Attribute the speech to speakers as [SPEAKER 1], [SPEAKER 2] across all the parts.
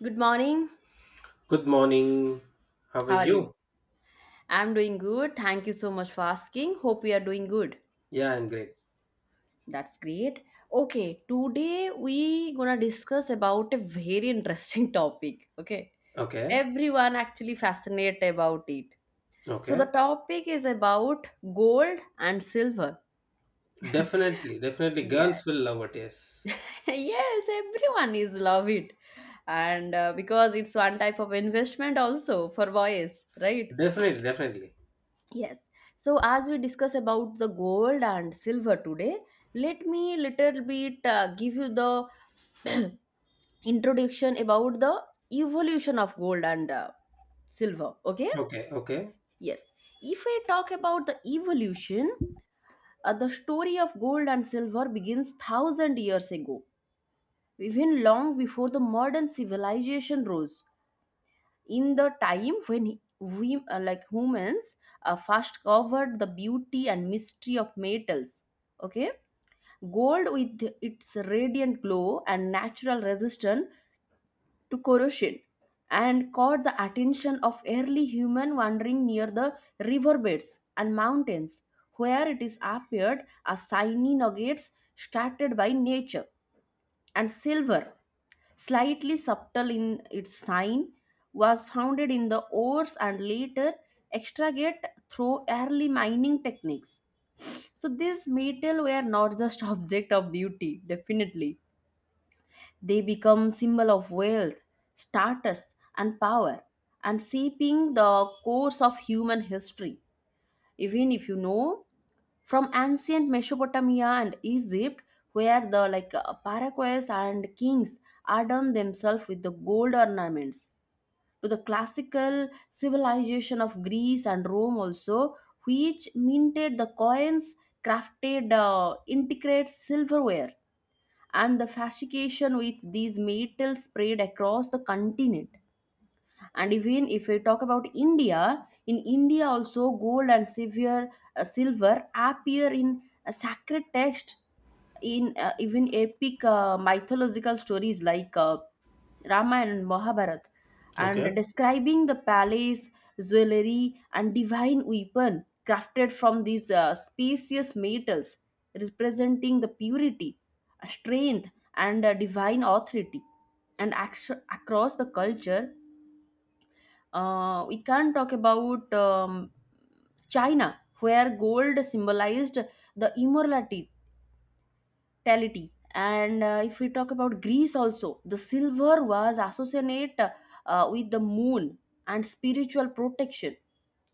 [SPEAKER 1] Good morning.
[SPEAKER 2] Good morning. How are
[SPEAKER 1] How are you?
[SPEAKER 2] you?
[SPEAKER 1] I'm doing good. Thank you so much for asking. Hope you are doing good.
[SPEAKER 2] Yeah, I'm great.
[SPEAKER 1] That's great. Okay, today we gonna discuss about a very interesting topic. Okay.
[SPEAKER 2] Okay.
[SPEAKER 1] Everyone actually fascinated about it. So the
[SPEAKER 2] Okay.
[SPEAKER 1] topic is about gold and silver.
[SPEAKER 2] Definitely. Definitely.
[SPEAKER 1] Yes.
[SPEAKER 2] Girls will love it. Yes.
[SPEAKER 1] Yes, everyone is love it. And because it's one type of investment also for boys, right?
[SPEAKER 2] Definitely. Definitely.
[SPEAKER 1] Yes. So as we discuss about the gold and silver today, let me little bit give you the introduction about the evolution of gold and silver. Okay?
[SPEAKER 2] Okay. Okay.
[SPEAKER 1] Yes. If we talk about the evolution, the story of gold and silver begins thousand years ago, even long before the modern civilization rose. In the time when we, like humans, first covered the beauty and mystery of metals. Okay? Gold, with its radiant glow and natural resistance to corrosion, and caught the attention of early human wandering near the riverbeds and mountains, where it is appeared as tiny nuggets scattered by nature. And silver, slightly subtle in its shine, was founded in the ores and later extracted through early mining techniques. So these metal were not just object of beauty, definitely. They become symbol of wealth, status, and power, and shaping the course of human history. Even if you know, from ancient Mesopotamia and Egypt, where the like paraquets and kings adorned themselves with the gold ornaments, to the classical civilization of Greece and Rome also, which minted the coins, crafted intricate silverware, and the fascination with these metals spread across the continent. And even if we talk about India, in India also gold and silver, silver appear in a sacred text, in even epic mythological stories like Ramayana and Mahabharata, and
[SPEAKER 2] Okay.
[SPEAKER 1] describing the palace, jewelry, and divine weapon crafted from these spacious metals, representing the purity, strength, and divine authority. Across the culture, we can talk about China, where gold symbolized the immortality, hospitality, and if we talk about Greece also, the silver was associated with the moon and spiritual protection.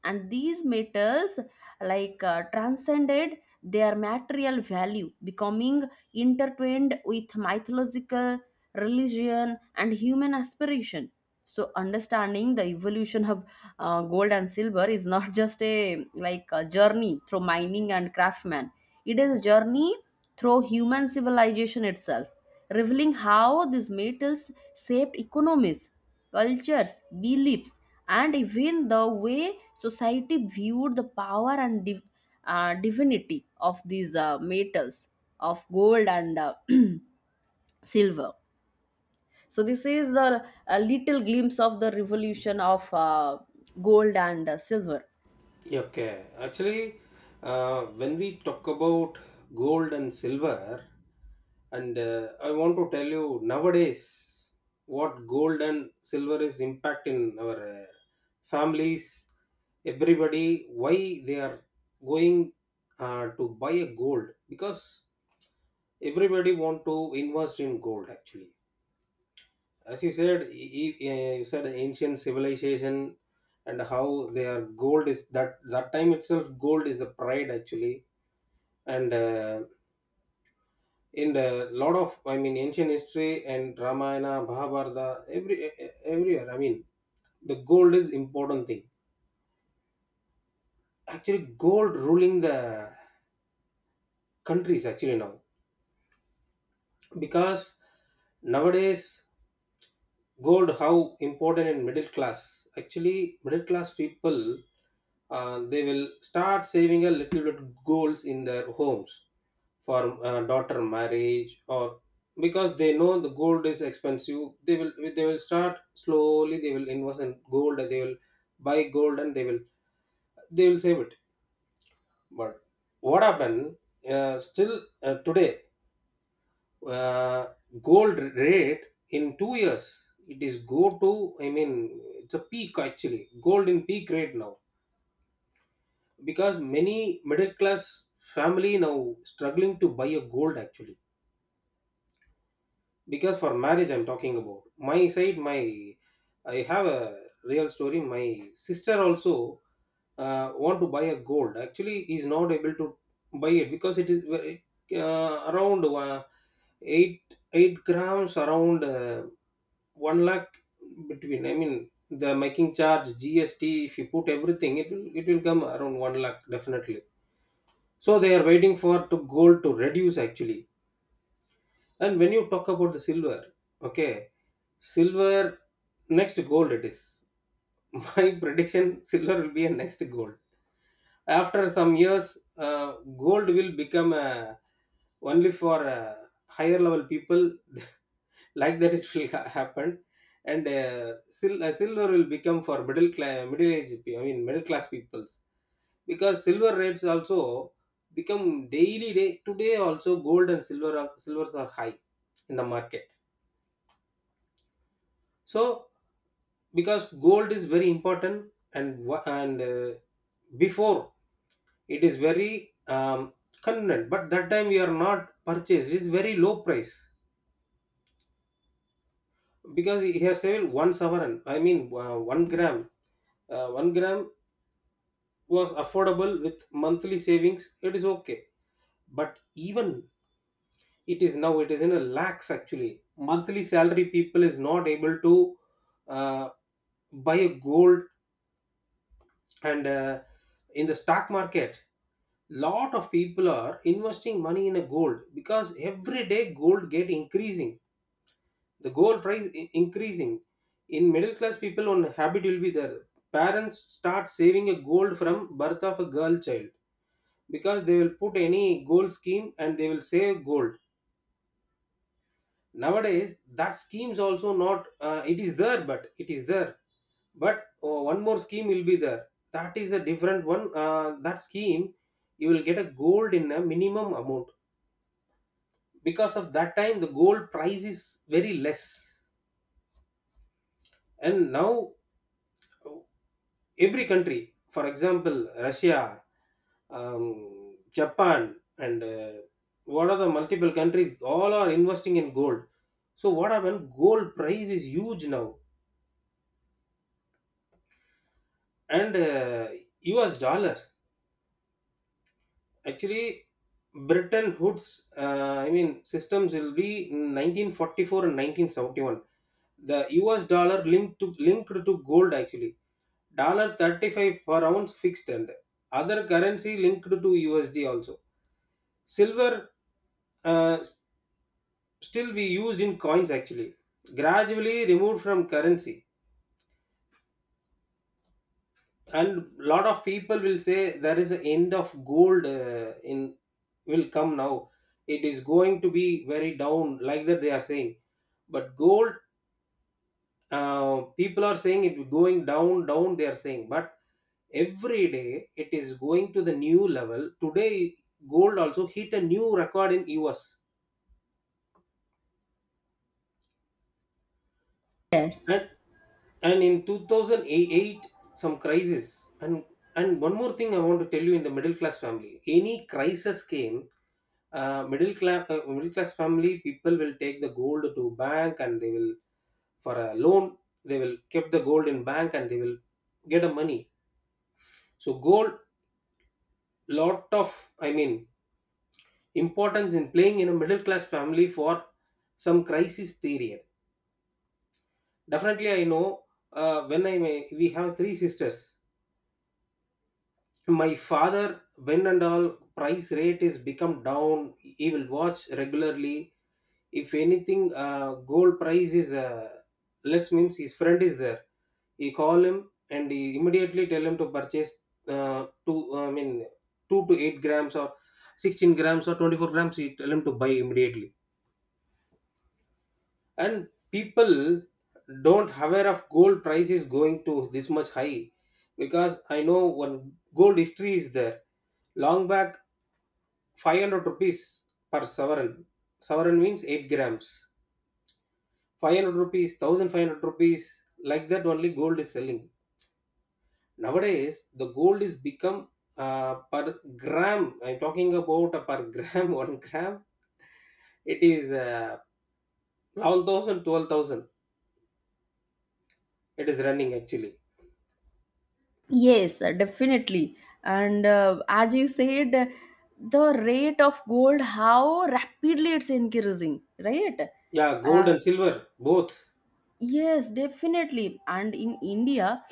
[SPEAKER 1] And these metals transcended their material value, becoming intertwined with mythological, religion, and human aspiration. So understanding the evolution of gold and silver is not just a like a journey through mining and craftsmen. It is a journey through human civilization itself, revealing how these metals shaped economies, cultures, beliefs, and even the way society viewed the power and divinity of these metals, of gold and silver. So this is the a little glimpse of the revolution of gold and silver.
[SPEAKER 2] Okay. Actually, when we talk about gold and silver, and I want to tell you nowadays what gold and silver is impact in our families, everybody, why they are going to buy a gold, because everybody want to invest in gold actually. As you said e- e- eh, you said ancient civilization, and how their gold is that time itself gold is a pride actually. And In the lot of, I mean, ancient history and Ramayana Mahabharata, everywhere, I mean, the gold is important thing actually. Gold ruling the countries actually now because nowadays gold how important in middle class actually, middle class people. They will start saving a little bit goals in their homes for daughter marriage, or because they know the gold is expensive. They will, start slowly, they will invest in gold, and they will buy gold, and they will save it. But what happened, still today, uh, gold rate in 2 years it is go to, I mean it's a peak actually. Gold in peak rate now because many middle class family now struggling to buy a gold actually. Because for marriage, I'm talking about my side. My I have a real story. My sister also want to buy a gold, actually is not able to buy it because it is very, around 8 8 grams, around 1 lakh. Between, I mean, the making charge, GST, if you put everything, it will, come around 1 lakh definitely. So they are waiting for to gold to reduce actually. And when you talk about the silver, okay, silver next gold it is. My prediction: silver will be a next gold. After some years, uh, gold will become only for higher level people. Like that, it will happen, and silver will become for middle class, middle age. I mean, middle class peoples because silver rates also become daily. Day today also gold and silver are, silvers are high in the market. So because gold is very important, and before it is very convenient, but that time we are not purchased, it's very low price. Because he has sold one sovereign, I mean, 1 gram, 1 gram was affordable with monthly savings, it is okay. But even it is now, it is in a lakhs actually. Monthly salary people is not able to uh, buy a gold. And In the stock market lot of people are investing money in a gold because every day gold get increasing, the gold price increasing. In middle class people one habit will be there: parents start saving a gold from birth of a girl child, because they will put any gold scheme and they will save gold. Nowadays that scheme's also not, it is there but it is there. But oh, one more scheme will be there, that is a different one. That scheme, you will get a gold in a minimum amount, because of that time the gold price is very less. And now every country, for example Russia, Japan, and what are the multiple countries, all are investing in gold. So what happened, gold price is huge now. And US dollar. Actually, Bretton Woods, systems will be in 1944 and 1971. The US dollar linked to gold actually. Dollar 35 per ounce fixed, and other currency linked to USD also. Silver, uh, still we used in coins actually. Gradually removed from currency, and lot of people will say there is an end of gold in will come now, it is going to be very down, like that they are saying. But gold, uh, people are saying it going down down, they are saying. But every day it is going to the new level. Today gold also hit a new record in US.
[SPEAKER 1] Yes.
[SPEAKER 2] And and in 2008, some crisis. And one more thing I want to tell you: in the middle class family, any crisis came, middle class family people will take the gold to bank, and they will, for a loan, they will keep the gold in bank and they will get a money. So gold, lot of, I mean, importance in playing in a middle class family for some crisis period. Definitely I know, when I may, we have three sisters. My father, when and all price rate is become down, he will watch regularly. If anything gold price is less means, his friend is there, he call him and he immediately tell him to purchase, two I mean 2 to 8 grams or 16 grams or 24 grams, he tell him to buy immediately. And people don't aware of gold price is going to this much high. Because I know one gold history is there, long back 500 rupees per sovereign. Sovereign means 8 grams, 500 rupees, 1500 rupees, like that only gold is selling. Nowadays the gold is become, per gram, I'm talking about a per gram, 1 gram, it is 11,000, it is running actually.
[SPEAKER 1] Yes, definitely. And as you said, the rate of gold, how rapidly it's increasing, right?
[SPEAKER 2] Yeah, gold
[SPEAKER 1] uh,
[SPEAKER 2] and silver both.
[SPEAKER 1] Yes, definitely. And in India,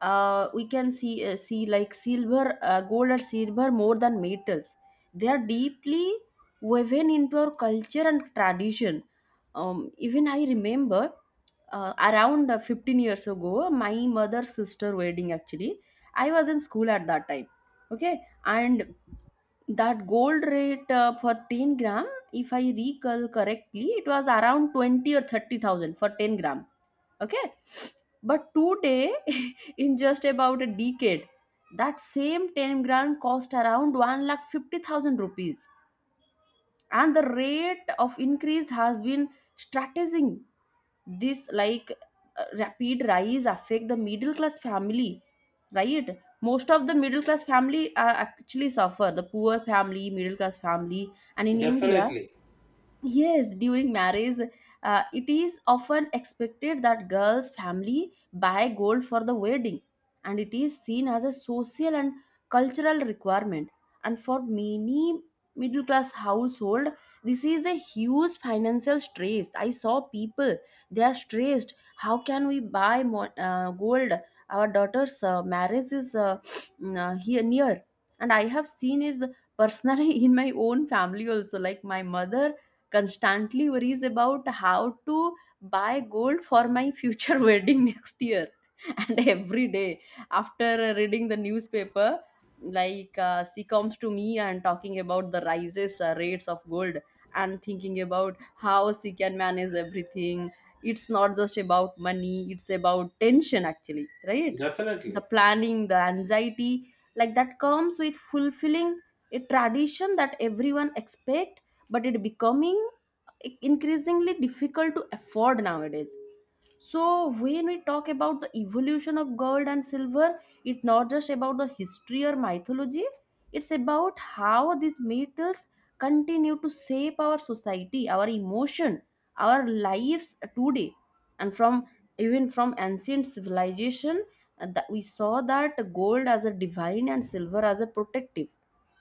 [SPEAKER 1] we can see like silver, gold and silver more than metals. They are deeply woven into our culture and tradition. Even I remember around 15 years ago, my mother's sister wedding actually. I was in school at that time. Okay. And that gold rate for 10 gram, if I recall correctly, it was around 20 or 30,000 for 10 gram. Okay. But today, in just about a decade, that same 10-gram cost around 1 lakh 50,000 rupees, and the rate of increase has been strategizing. This rapid rise affect the middle class family, right? Most of the middle class family actually suffer, the poor family, middle class family, and in India.
[SPEAKER 2] Definitely,
[SPEAKER 1] Yes, during marriage, it is often expected that girls' family buy gold for the wedding, and it is seen as a social and cultural requirement. And for many middle class household, this is a huge financial stress. I saw people, they are stressed. How can we buy gold? Our daughter's marriage is here near, and I have seen is personally in my own family also. Like my mother constantly worries about how to buy gold for my future wedding next year, and every day after reading the newspaper, she comes to me and talking about the rises rates of gold, and thinking about how she can manage everything. It's not just about money, it's about tension actually, right? The
[SPEAKER 2] definitely.
[SPEAKER 1] planning, the anxiety, like that comes with fulfilling a tradition that everyone expect, but it becoming increasingly difficult to afford nowadays. So when we talk about the evolution of gold and silver, it's not just about the history or mythology. It's about how these metals continue to shape our society, our emotion, our lives today. And from even from ancient civilization, that we saw that gold as a divine and silver as a protective.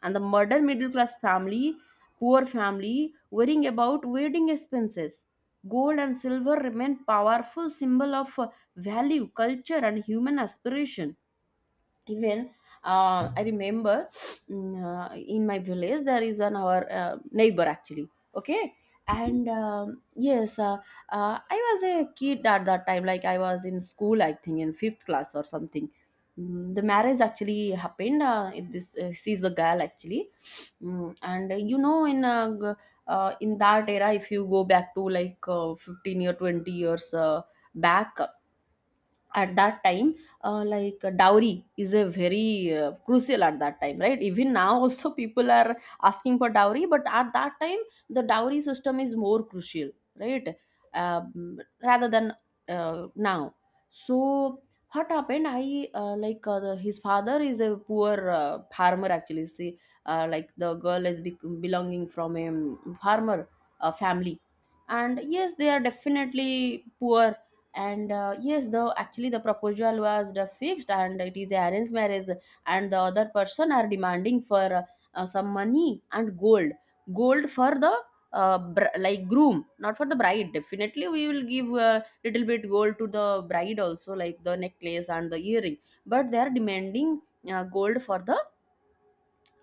[SPEAKER 1] And the modern middle class family, poor family, worrying about wedding expenses. Gold and silver remain powerful symbol of value, culture, and human aspiration. Even I remember in my village there is an our neighbor actually. Okay. And yes, I was a kid at that time, like I was in school, I think in fifth class or something. Mm, the marriage actually happened, this she's the girl actually. Mm. And you know, in in that era, if you go back to like 15 or 20 years back, at that time, dowry is a very crucial at that time, right? Even now also people are asking for dowry, but at that time the dowry system is more crucial, right? Rather than now. So what happened, I like the, his father is a poor farmer actually, see. Like the girl is bec belonging from a farmer family, and yes, they are definitely poor. And yes, the actually the proposal was the fixed, and it is arranged marriage. And the other person are demanding for some money and gold. Gold for the like groom, not for the bride. Definitely we will give a little bit gold to the bride also, like the necklace and the earring, but they are demanding gold for the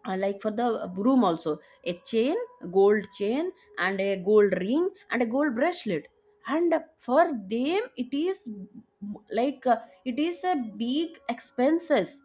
[SPEAKER 1] like for the broom also, a chain, gold chain, and a gold ring and a gold bracelet. And for them, it is like uh, it is a big expenses,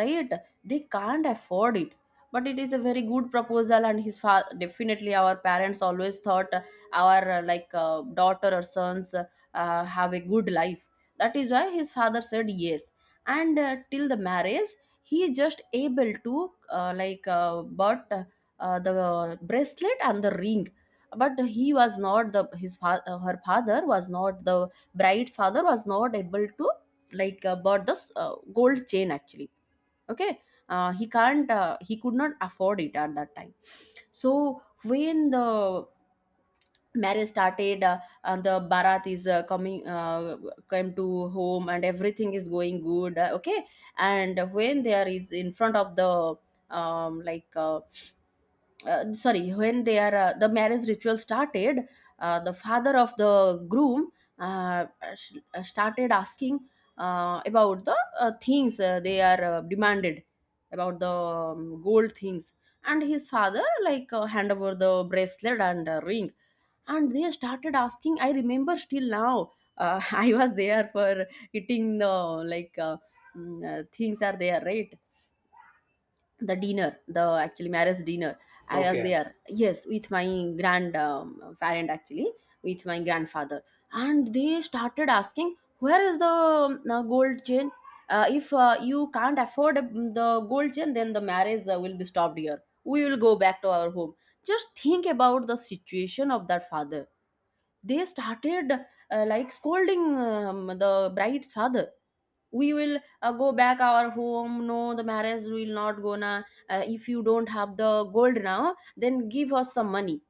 [SPEAKER 1] right? They can't afford it. But it is a very good proposal, and his father, definitely our parents always thought, our daughter or sons have a good life. That is why his father said yes. And till the marriage, he is just able to bought the bracelet and the ring. But he was not her father was not the bride's father, was not able to bought this gold chain actually. Okay. He could not afford it at that time. So when the marriage started, and the barat is coming come to home, and everything is going good. Okay. And when there is in front of the um, like uh, sorry, when they are the marriage ritual started, the father of the groom uh, started asking about the things they are demanded, about the gold things. And his father hand over the bracelet and ring, and they started asking. I remember still now, I was there for eating the like uh, things are there, right? The dinner, the actually marriage dinner, I was
[SPEAKER 2] Okay.
[SPEAKER 1] there, yes, with my grand parent actually, with my grandfather. And they started asking, where is the gold chain? If you can't afford the gold chain, then the marriage will be stopped here, we will go back to our home. Just think about the situation of that father. They started like scolding the bride's father. We will go back our home, no, the marriage will not go. To. If you don't have the gold now, then give us some money.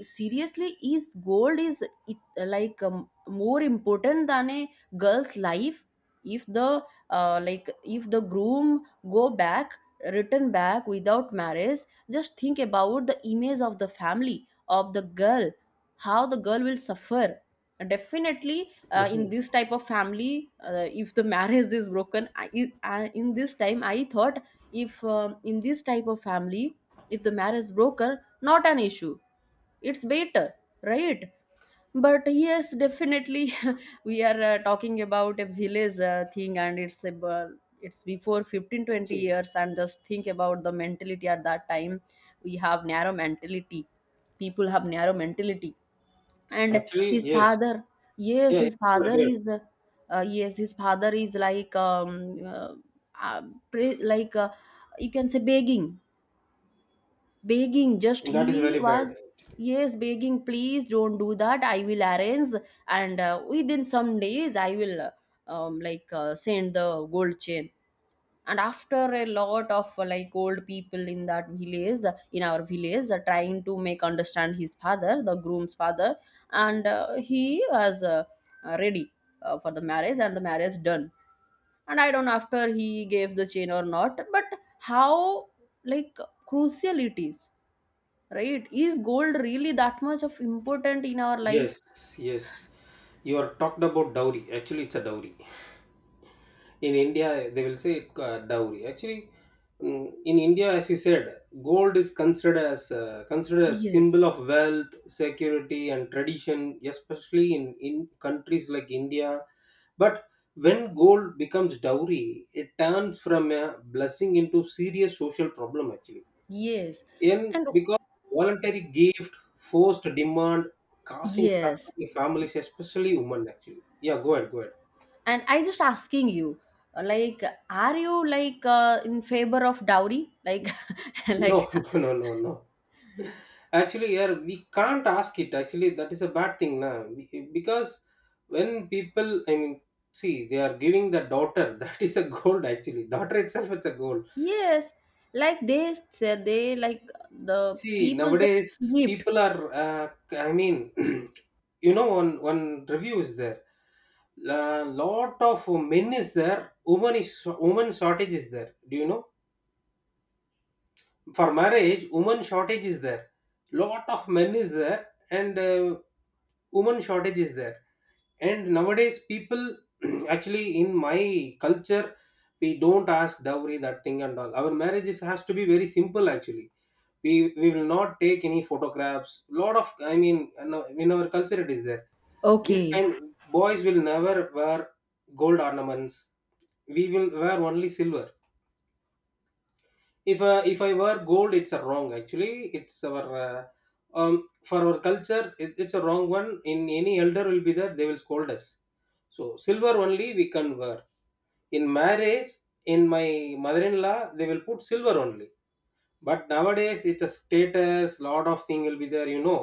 [SPEAKER 1] Seriously, is gold, is it, like, more important than a girl's life? If the like, if the groom go back, return back without marriage, just think about the image of the family of the girl, how the girl will suffer. Definitely, in
[SPEAKER 2] Definitely.
[SPEAKER 1] this type of family, if the marriage is broken, in this time I thought, if in this type of family, if the marriage broken, not an issue, it's better, right? But yes, definitely, we are talking about a village thing, and it's about, it's before fifteen twenty
[SPEAKER 2] See.
[SPEAKER 1] years and just think about the mentality at that time. We have narrow mentality, people have narrow mentality. And
[SPEAKER 2] Actually,
[SPEAKER 1] his
[SPEAKER 2] yes.
[SPEAKER 1] father, yes,
[SPEAKER 2] Yeah,
[SPEAKER 1] his
[SPEAKER 2] it's good.
[SPEAKER 1] father
[SPEAKER 2] Yeah.
[SPEAKER 1] is yes, his father is like, uh, uh, pre- like uh, you can say begging. Just he
[SPEAKER 2] That is very
[SPEAKER 1] was,
[SPEAKER 2] bad.
[SPEAKER 1] yes, begging, please don't do that, I will arrange, and within some days I will send the gold chain. And after a lot of like old people in that village, in our village, trying to make understand his father, the groom's father, and he was ready for the marriage, and the marriage done. And I don't know after he gave the chain or not, but how, like, crucial it is, right? Is gold really that much of important in our
[SPEAKER 2] Yes.
[SPEAKER 1] life?
[SPEAKER 2] Yes, you are talked about dowry, actually it's a dowry. In India, they will say dowry. Actually, mm, in India, as you said, gold is considered as, considered a
[SPEAKER 1] Yes.
[SPEAKER 2] symbol of wealth, security, and tradition, especially in countries like India. But when gold becomes dowry, it turns from a blessing into serious social problem. Actually,
[SPEAKER 1] Yes,
[SPEAKER 2] in
[SPEAKER 1] and
[SPEAKER 2] because voluntary gift, forced demand, causing
[SPEAKER 1] yes,
[SPEAKER 2] suffering in families, especially women. Actually, yeah, go ahead, go ahead.
[SPEAKER 1] and I just asking you, like, are you like, in favor of dowry, like,
[SPEAKER 2] No,
[SPEAKER 1] like,
[SPEAKER 2] no, no, no, no. Actually, yeah, we can't ask it. Actually, that is a bad thing, na? Because when people, I mean, see, they are giving the daughter. That is a gold. Actually, daughter itself, it's a gold.
[SPEAKER 1] yes, like, they said they, like, the
[SPEAKER 2] See,
[SPEAKER 1] people say,
[SPEAKER 2] nowadays
[SPEAKER 1] gift.
[SPEAKER 2] people are. I mean, you know, one review is there. A lot of men is there. Woman is woman shortage is there. Do you know? For marriage, woman shortage is there. Lot of men is there, and woman shortage is there. And nowadays, people actually in my culture, we don't ask dowry that thing and all. Our marriages has to be very simple actually. We will not take any photographs. Lot of, I mean, no, in our culture it is there. This
[SPEAKER 1] Okay.
[SPEAKER 2] kind boys will never wear gold ornaments. We will wear only silver. If I wear gold it's a wrong actually. It's our, um for our culture it, it's a wrong one. In any elder will be there, they will scold us. So silver only we can wear, in marriage. In my mother-in-law, they will put silver only. But nowadays it's a status, lot of thing will be there, you know.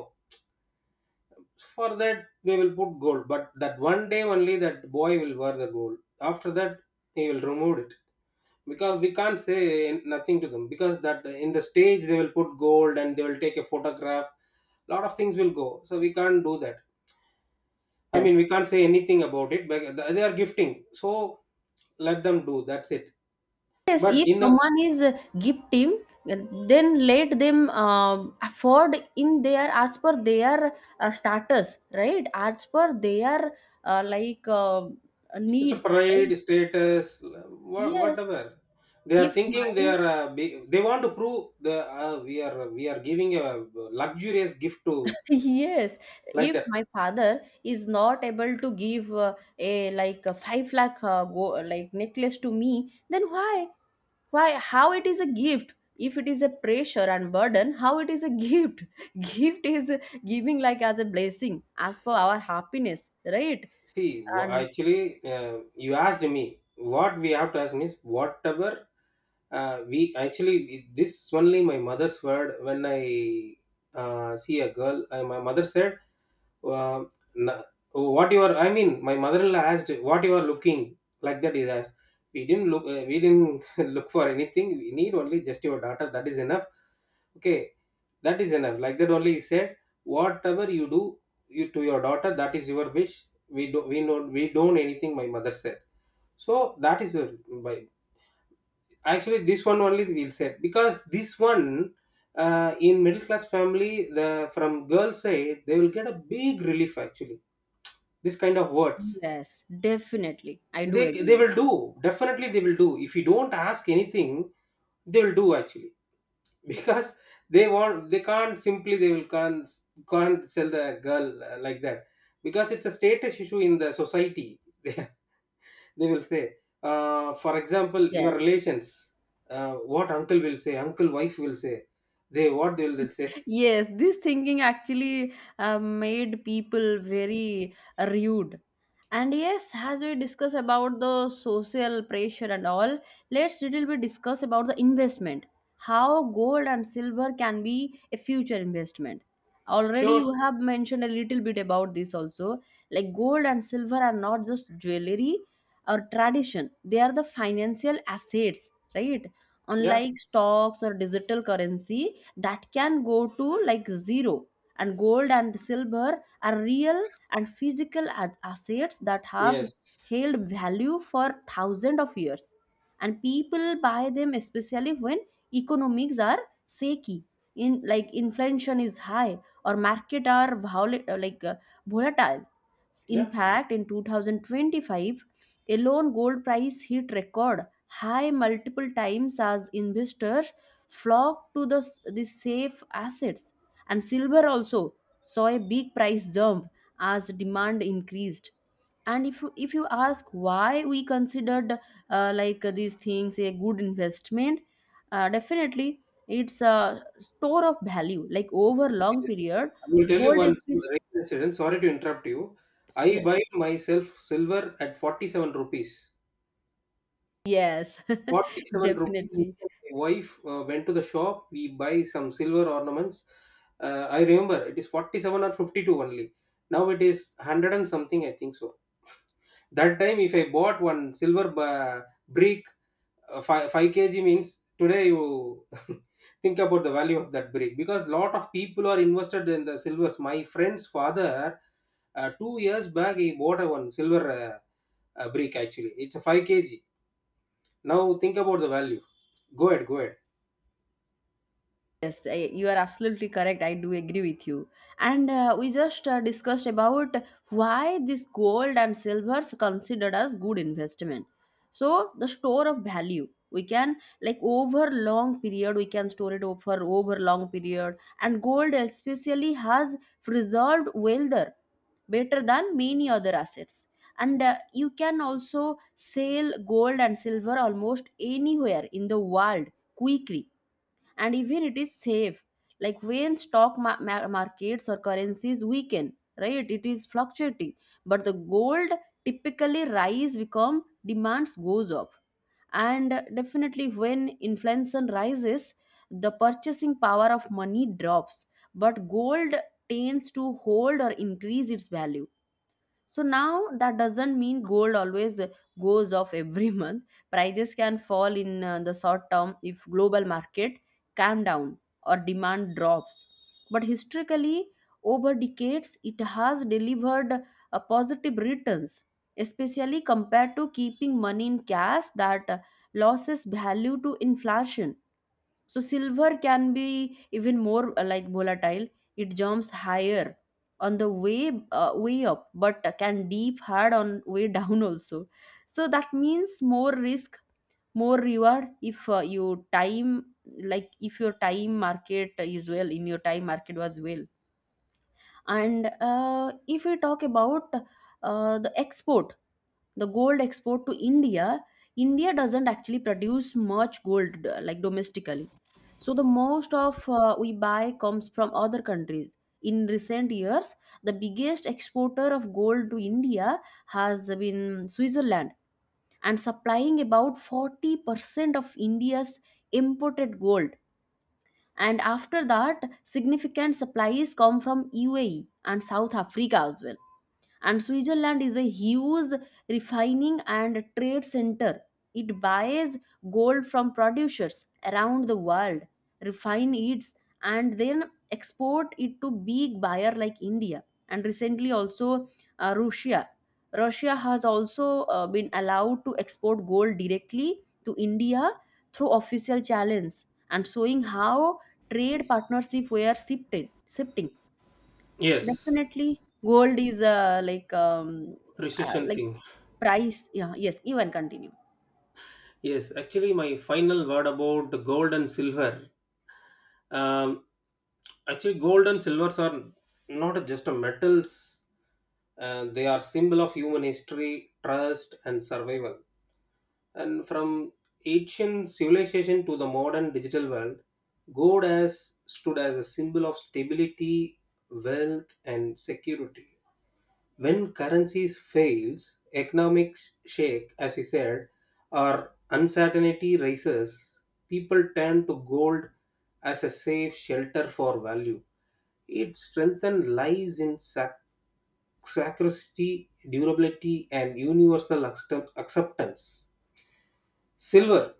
[SPEAKER 2] For that they will put gold, but that one day only that boy will wear the gold. After that he will remove it. Because we can't say nothing to them because that in the stage they will put gold and they will take a photograph. Lot of things will go, so we can't do that. I mean,
[SPEAKER 1] Yes.
[SPEAKER 2] we can't say anything about it, but they are gifting, so let them do, that's it.
[SPEAKER 1] Yes,
[SPEAKER 2] But
[SPEAKER 1] if
[SPEAKER 2] in a,
[SPEAKER 1] someone is gifting, uh, then let them afford in their, as per their status, right? As per their uh, like uh,
[SPEAKER 2] it's a
[SPEAKER 1] needs, right?
[SPEAKER 2] pride status.
[SPEAKER 1] Yes.
[SPEAKER 2] Whatever they are
[SPEAKER 1] If
[SPEAKER 2] thinking, they
[SPEAKER 1] my,
[SPEAKER 2] are, they want to prove the, we are, giving a luxurious gift to,
[SPEAKER 1] yes,
[SPEAKER 2] like
[SPEAKER 1] if
[SPEAKER 2] that.
[SPEAKER 1] my father is not able to give, a, like, a 5 lakh go, like, necklace to me, then why? Why, how it is a gift? If it is a pressure and burden, how it is a gift? Gift is giving, like, as a blessing, as for our happiness, right?
[SPEAKER 2] See,
[SPEAKER 1] And
[SPEAKER 2] actually, you asked me what we have to ask means, whatever we, actually this only my mother's word when I, see a girl. My mother said, uh, na- "What you are?" I mean, my mother-in-law asked, "What you are looking?" Like that, he asked. We didn't look. We didn't look for anything. We need only just your daughter. That is enough. Okay, that is enough. Like that only he said, "Whatever you do, you, to your daughter, that is your wish. We don't anything," my mother said. So that is a by, actually this one only we'll say, because this one, in middle class family, the from girl side they will get a big relief actually, this kind of words.
[SPEAKER 1] yes, definitely I do
[SPEAKER 2] they
[SPEAKER 1] agree
[SPEAKER 2] they will
[SPEAKER 1] with
[SPEAKER 2] do,
[SPEAKER 1] you.
[SPEAKER 2] definitely they will do. If you don't ask anything, they will do actually. Because they want, they can't simply, they will can't sell the girl, like that, because it's a status issue in the society. They will say, for example your
[SPEAKER 1] Yes.
[SPEAKER 2] relations, what uncle will say, uncle wife will say, they what they'll say.
[SPEAKER 1] Yes, this thinking actually made people very rude. And yes, as we discuss about the social pressure and all, let's little bit discuss about the investment. How gold and silver can be a future investment. Already
[SPEAKER 2] Sure.
[SPEAKER 1] you have mentioned a little bit about this also. Like, gold and silver are not just jewelry or tradition, they are the financial assets, right?
[SPEAKER 2] Yeah.
[SPEAKER 1] Unlike stocks or digital currency, that can go to, like, zero, and gold and silver are real and physical assets that have
[SPEAKER 2] Yes.
[SPEAKER 1] held value for thousands of years. And people buy them especially when economics are shaky, in like, inflation is high, or market are volatile. In
[SPEAKER 2] Yeah,
[SPEAKER 1] fact, in 2025 alone, gold price hit record high multiple times as investors flock to the safe assets. And silver also saw a big price jump as demand increased. And if you ask why we considered, like, these things a good investment, definitely it's a store of value, like, over long period.
[SPEAKER 2] I will tell you
[SPEAKER 1] Gold
[SPEAKER 2] one
[SPEAKER 1] is,
[SPEAKER 2] incident, sorry to interrupt you. I
[SPEAKER 1] yes,
[SPEAKER 2] buy myself silver at 47 rupees.
[SPEAKER 1] yes,
[SPEAKER 2] 47 rupees,
[SPEAKER 1] definitely.
[SPEAKER 2] my wife went to the shop, we buy some silver ornaments. I remember it is 47 or 52 only. Now it is 100 and something, I think so. That time if I bought one silver brick, 5, 5 kg means, today you think about the value of that brick. Because lot of people are invested in the silvers. My friend's father, 2 years back, he bought a one silver, brick actually, it's a 5 kg. Now think about the value. Go ahead, go ahead.
[SPEAKER 1] Yes, you are absolutely correct. I do agree with you. And we just discussed about why this gold and silver is considered as good investment. So the store of value we can, like, over long period we can store it for over long period. And gold especially has preserved wealth better than many other assets. And you can also sell gold and silver almost anywhere in the world quickly. And even it is safe, like, when stock markets or currencies weaken, right, it is fluctuating, but the gold typically rise become demands goes up. And definitely, when inflation rises, the purchasing power of money drops, but gold tends to hold or increase its value. So now, that doesn't mean gold always goes off every month. Prices can fall in the short term if global market calm down or demand drops. But historically, over decades, it has delivered positive returns, especially compared to keeping money in cash that loses value to inflation. So silver can be even more like volatile. It jumps higher on the way up, but can deep hard on way down also. So that means more risk, more reward if you time, like, if your time market is well, in your time market was well. And if we talk about the export, the gold export to India. India doesn't actually produce much gold, like, domestically, so the most of, we buy, comes from other countries. In recent years, the biggest exporter of gold to India has been Switzerland, and supplying about 40% of India's imported gold. And after that, significant supplies come from UAE and South Africa as well. And Switzerland is a huge refining and trade center. It buys gold from producers around the world, refine it, and then export it to big buyer like India. And recently also, uh, russia russia has also been allowed to export gold directly to India through official channels, and showing how trade partnership were shifted shifting.
[SPEAKER 2] Yes,
[SPEAKER 1] Definitely, gold is
[SPEAKER 2] precision
[SPEAKER 1] like,
[SPEAKER 2] thing.
[SPEAKER 1] price. Yeah, yes, even continue.
[SPEAKER 2] Yes, actually, my final word about gold and silver. Um, Actually, gold and silvers are not just a metals, and they are symbol of human history, trust and survival. And from ancient civilization to the modern digital world, gold has stood as a symbol of stability, wealth and security. When currencies fails, economics shake, as we said, or uncertainty rises, people turn to gold as a safe shelter for value. Its strength lies in scarcity, durability, and universal acceptance. Silver.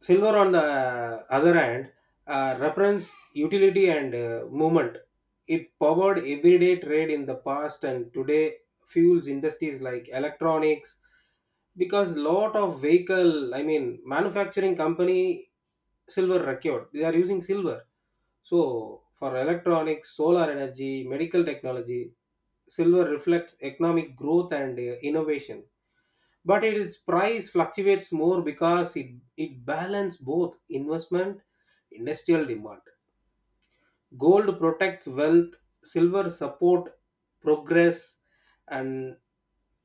[SPEAKER 2] Silver, on the other hand, represents utility and movement. It powered everyday trade in the past and today fuels industries like electronics. Because lot of vehicle, I mean, manufacturing company, silver required, they are using silver. So for electronics, solar energy, medical technology, silver reflects economic growth and innovation. But its price fluctuates more because it balances both investment, industrial demand. Gold protects wealth, silver support progress. And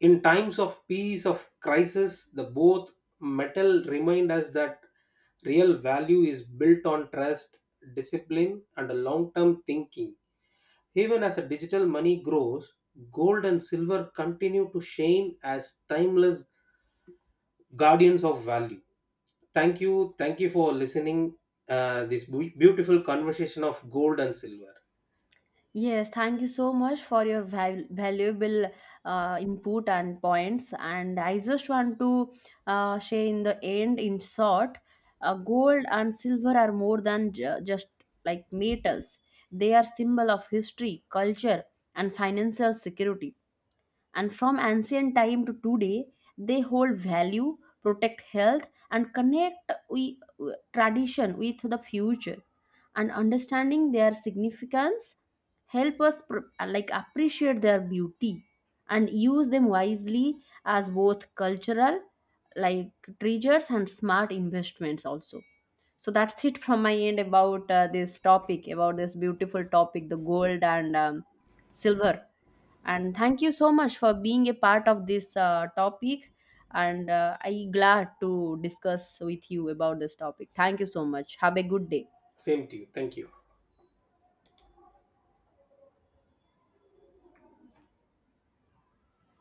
[SPEAKER 2] in times of peace of crisis, the both metal remind us that real value is built on trust, discipline and long term thinking. Even as a digital money grows, gold and silver continue to shine as timeless guardians of value. Thank you. Thank you for listening this beautiful conversation of gold and silver.
[SPEAKER 1] Yes, thank you so much for your valuable input and points. And I just want to say, in the end, in short, gold and silver are more than just like metals. They are symbol of history, culture, and financial security. And from ancient time to today, they hold value, protect health, and connect we, tradition, with the future. And understanding their significance help us like, appreciate their beauty and use them wisely, as both cultural, like, treasures and smart investments also. So that's it from my end about this topic, about this beautiful topic, the gold and silver. And thank you so much for being a part of this topic. And I glad to discuss with you about this topic. Thank you so much, have a good day.
[SPEAKER 2] Same to you. Thank you.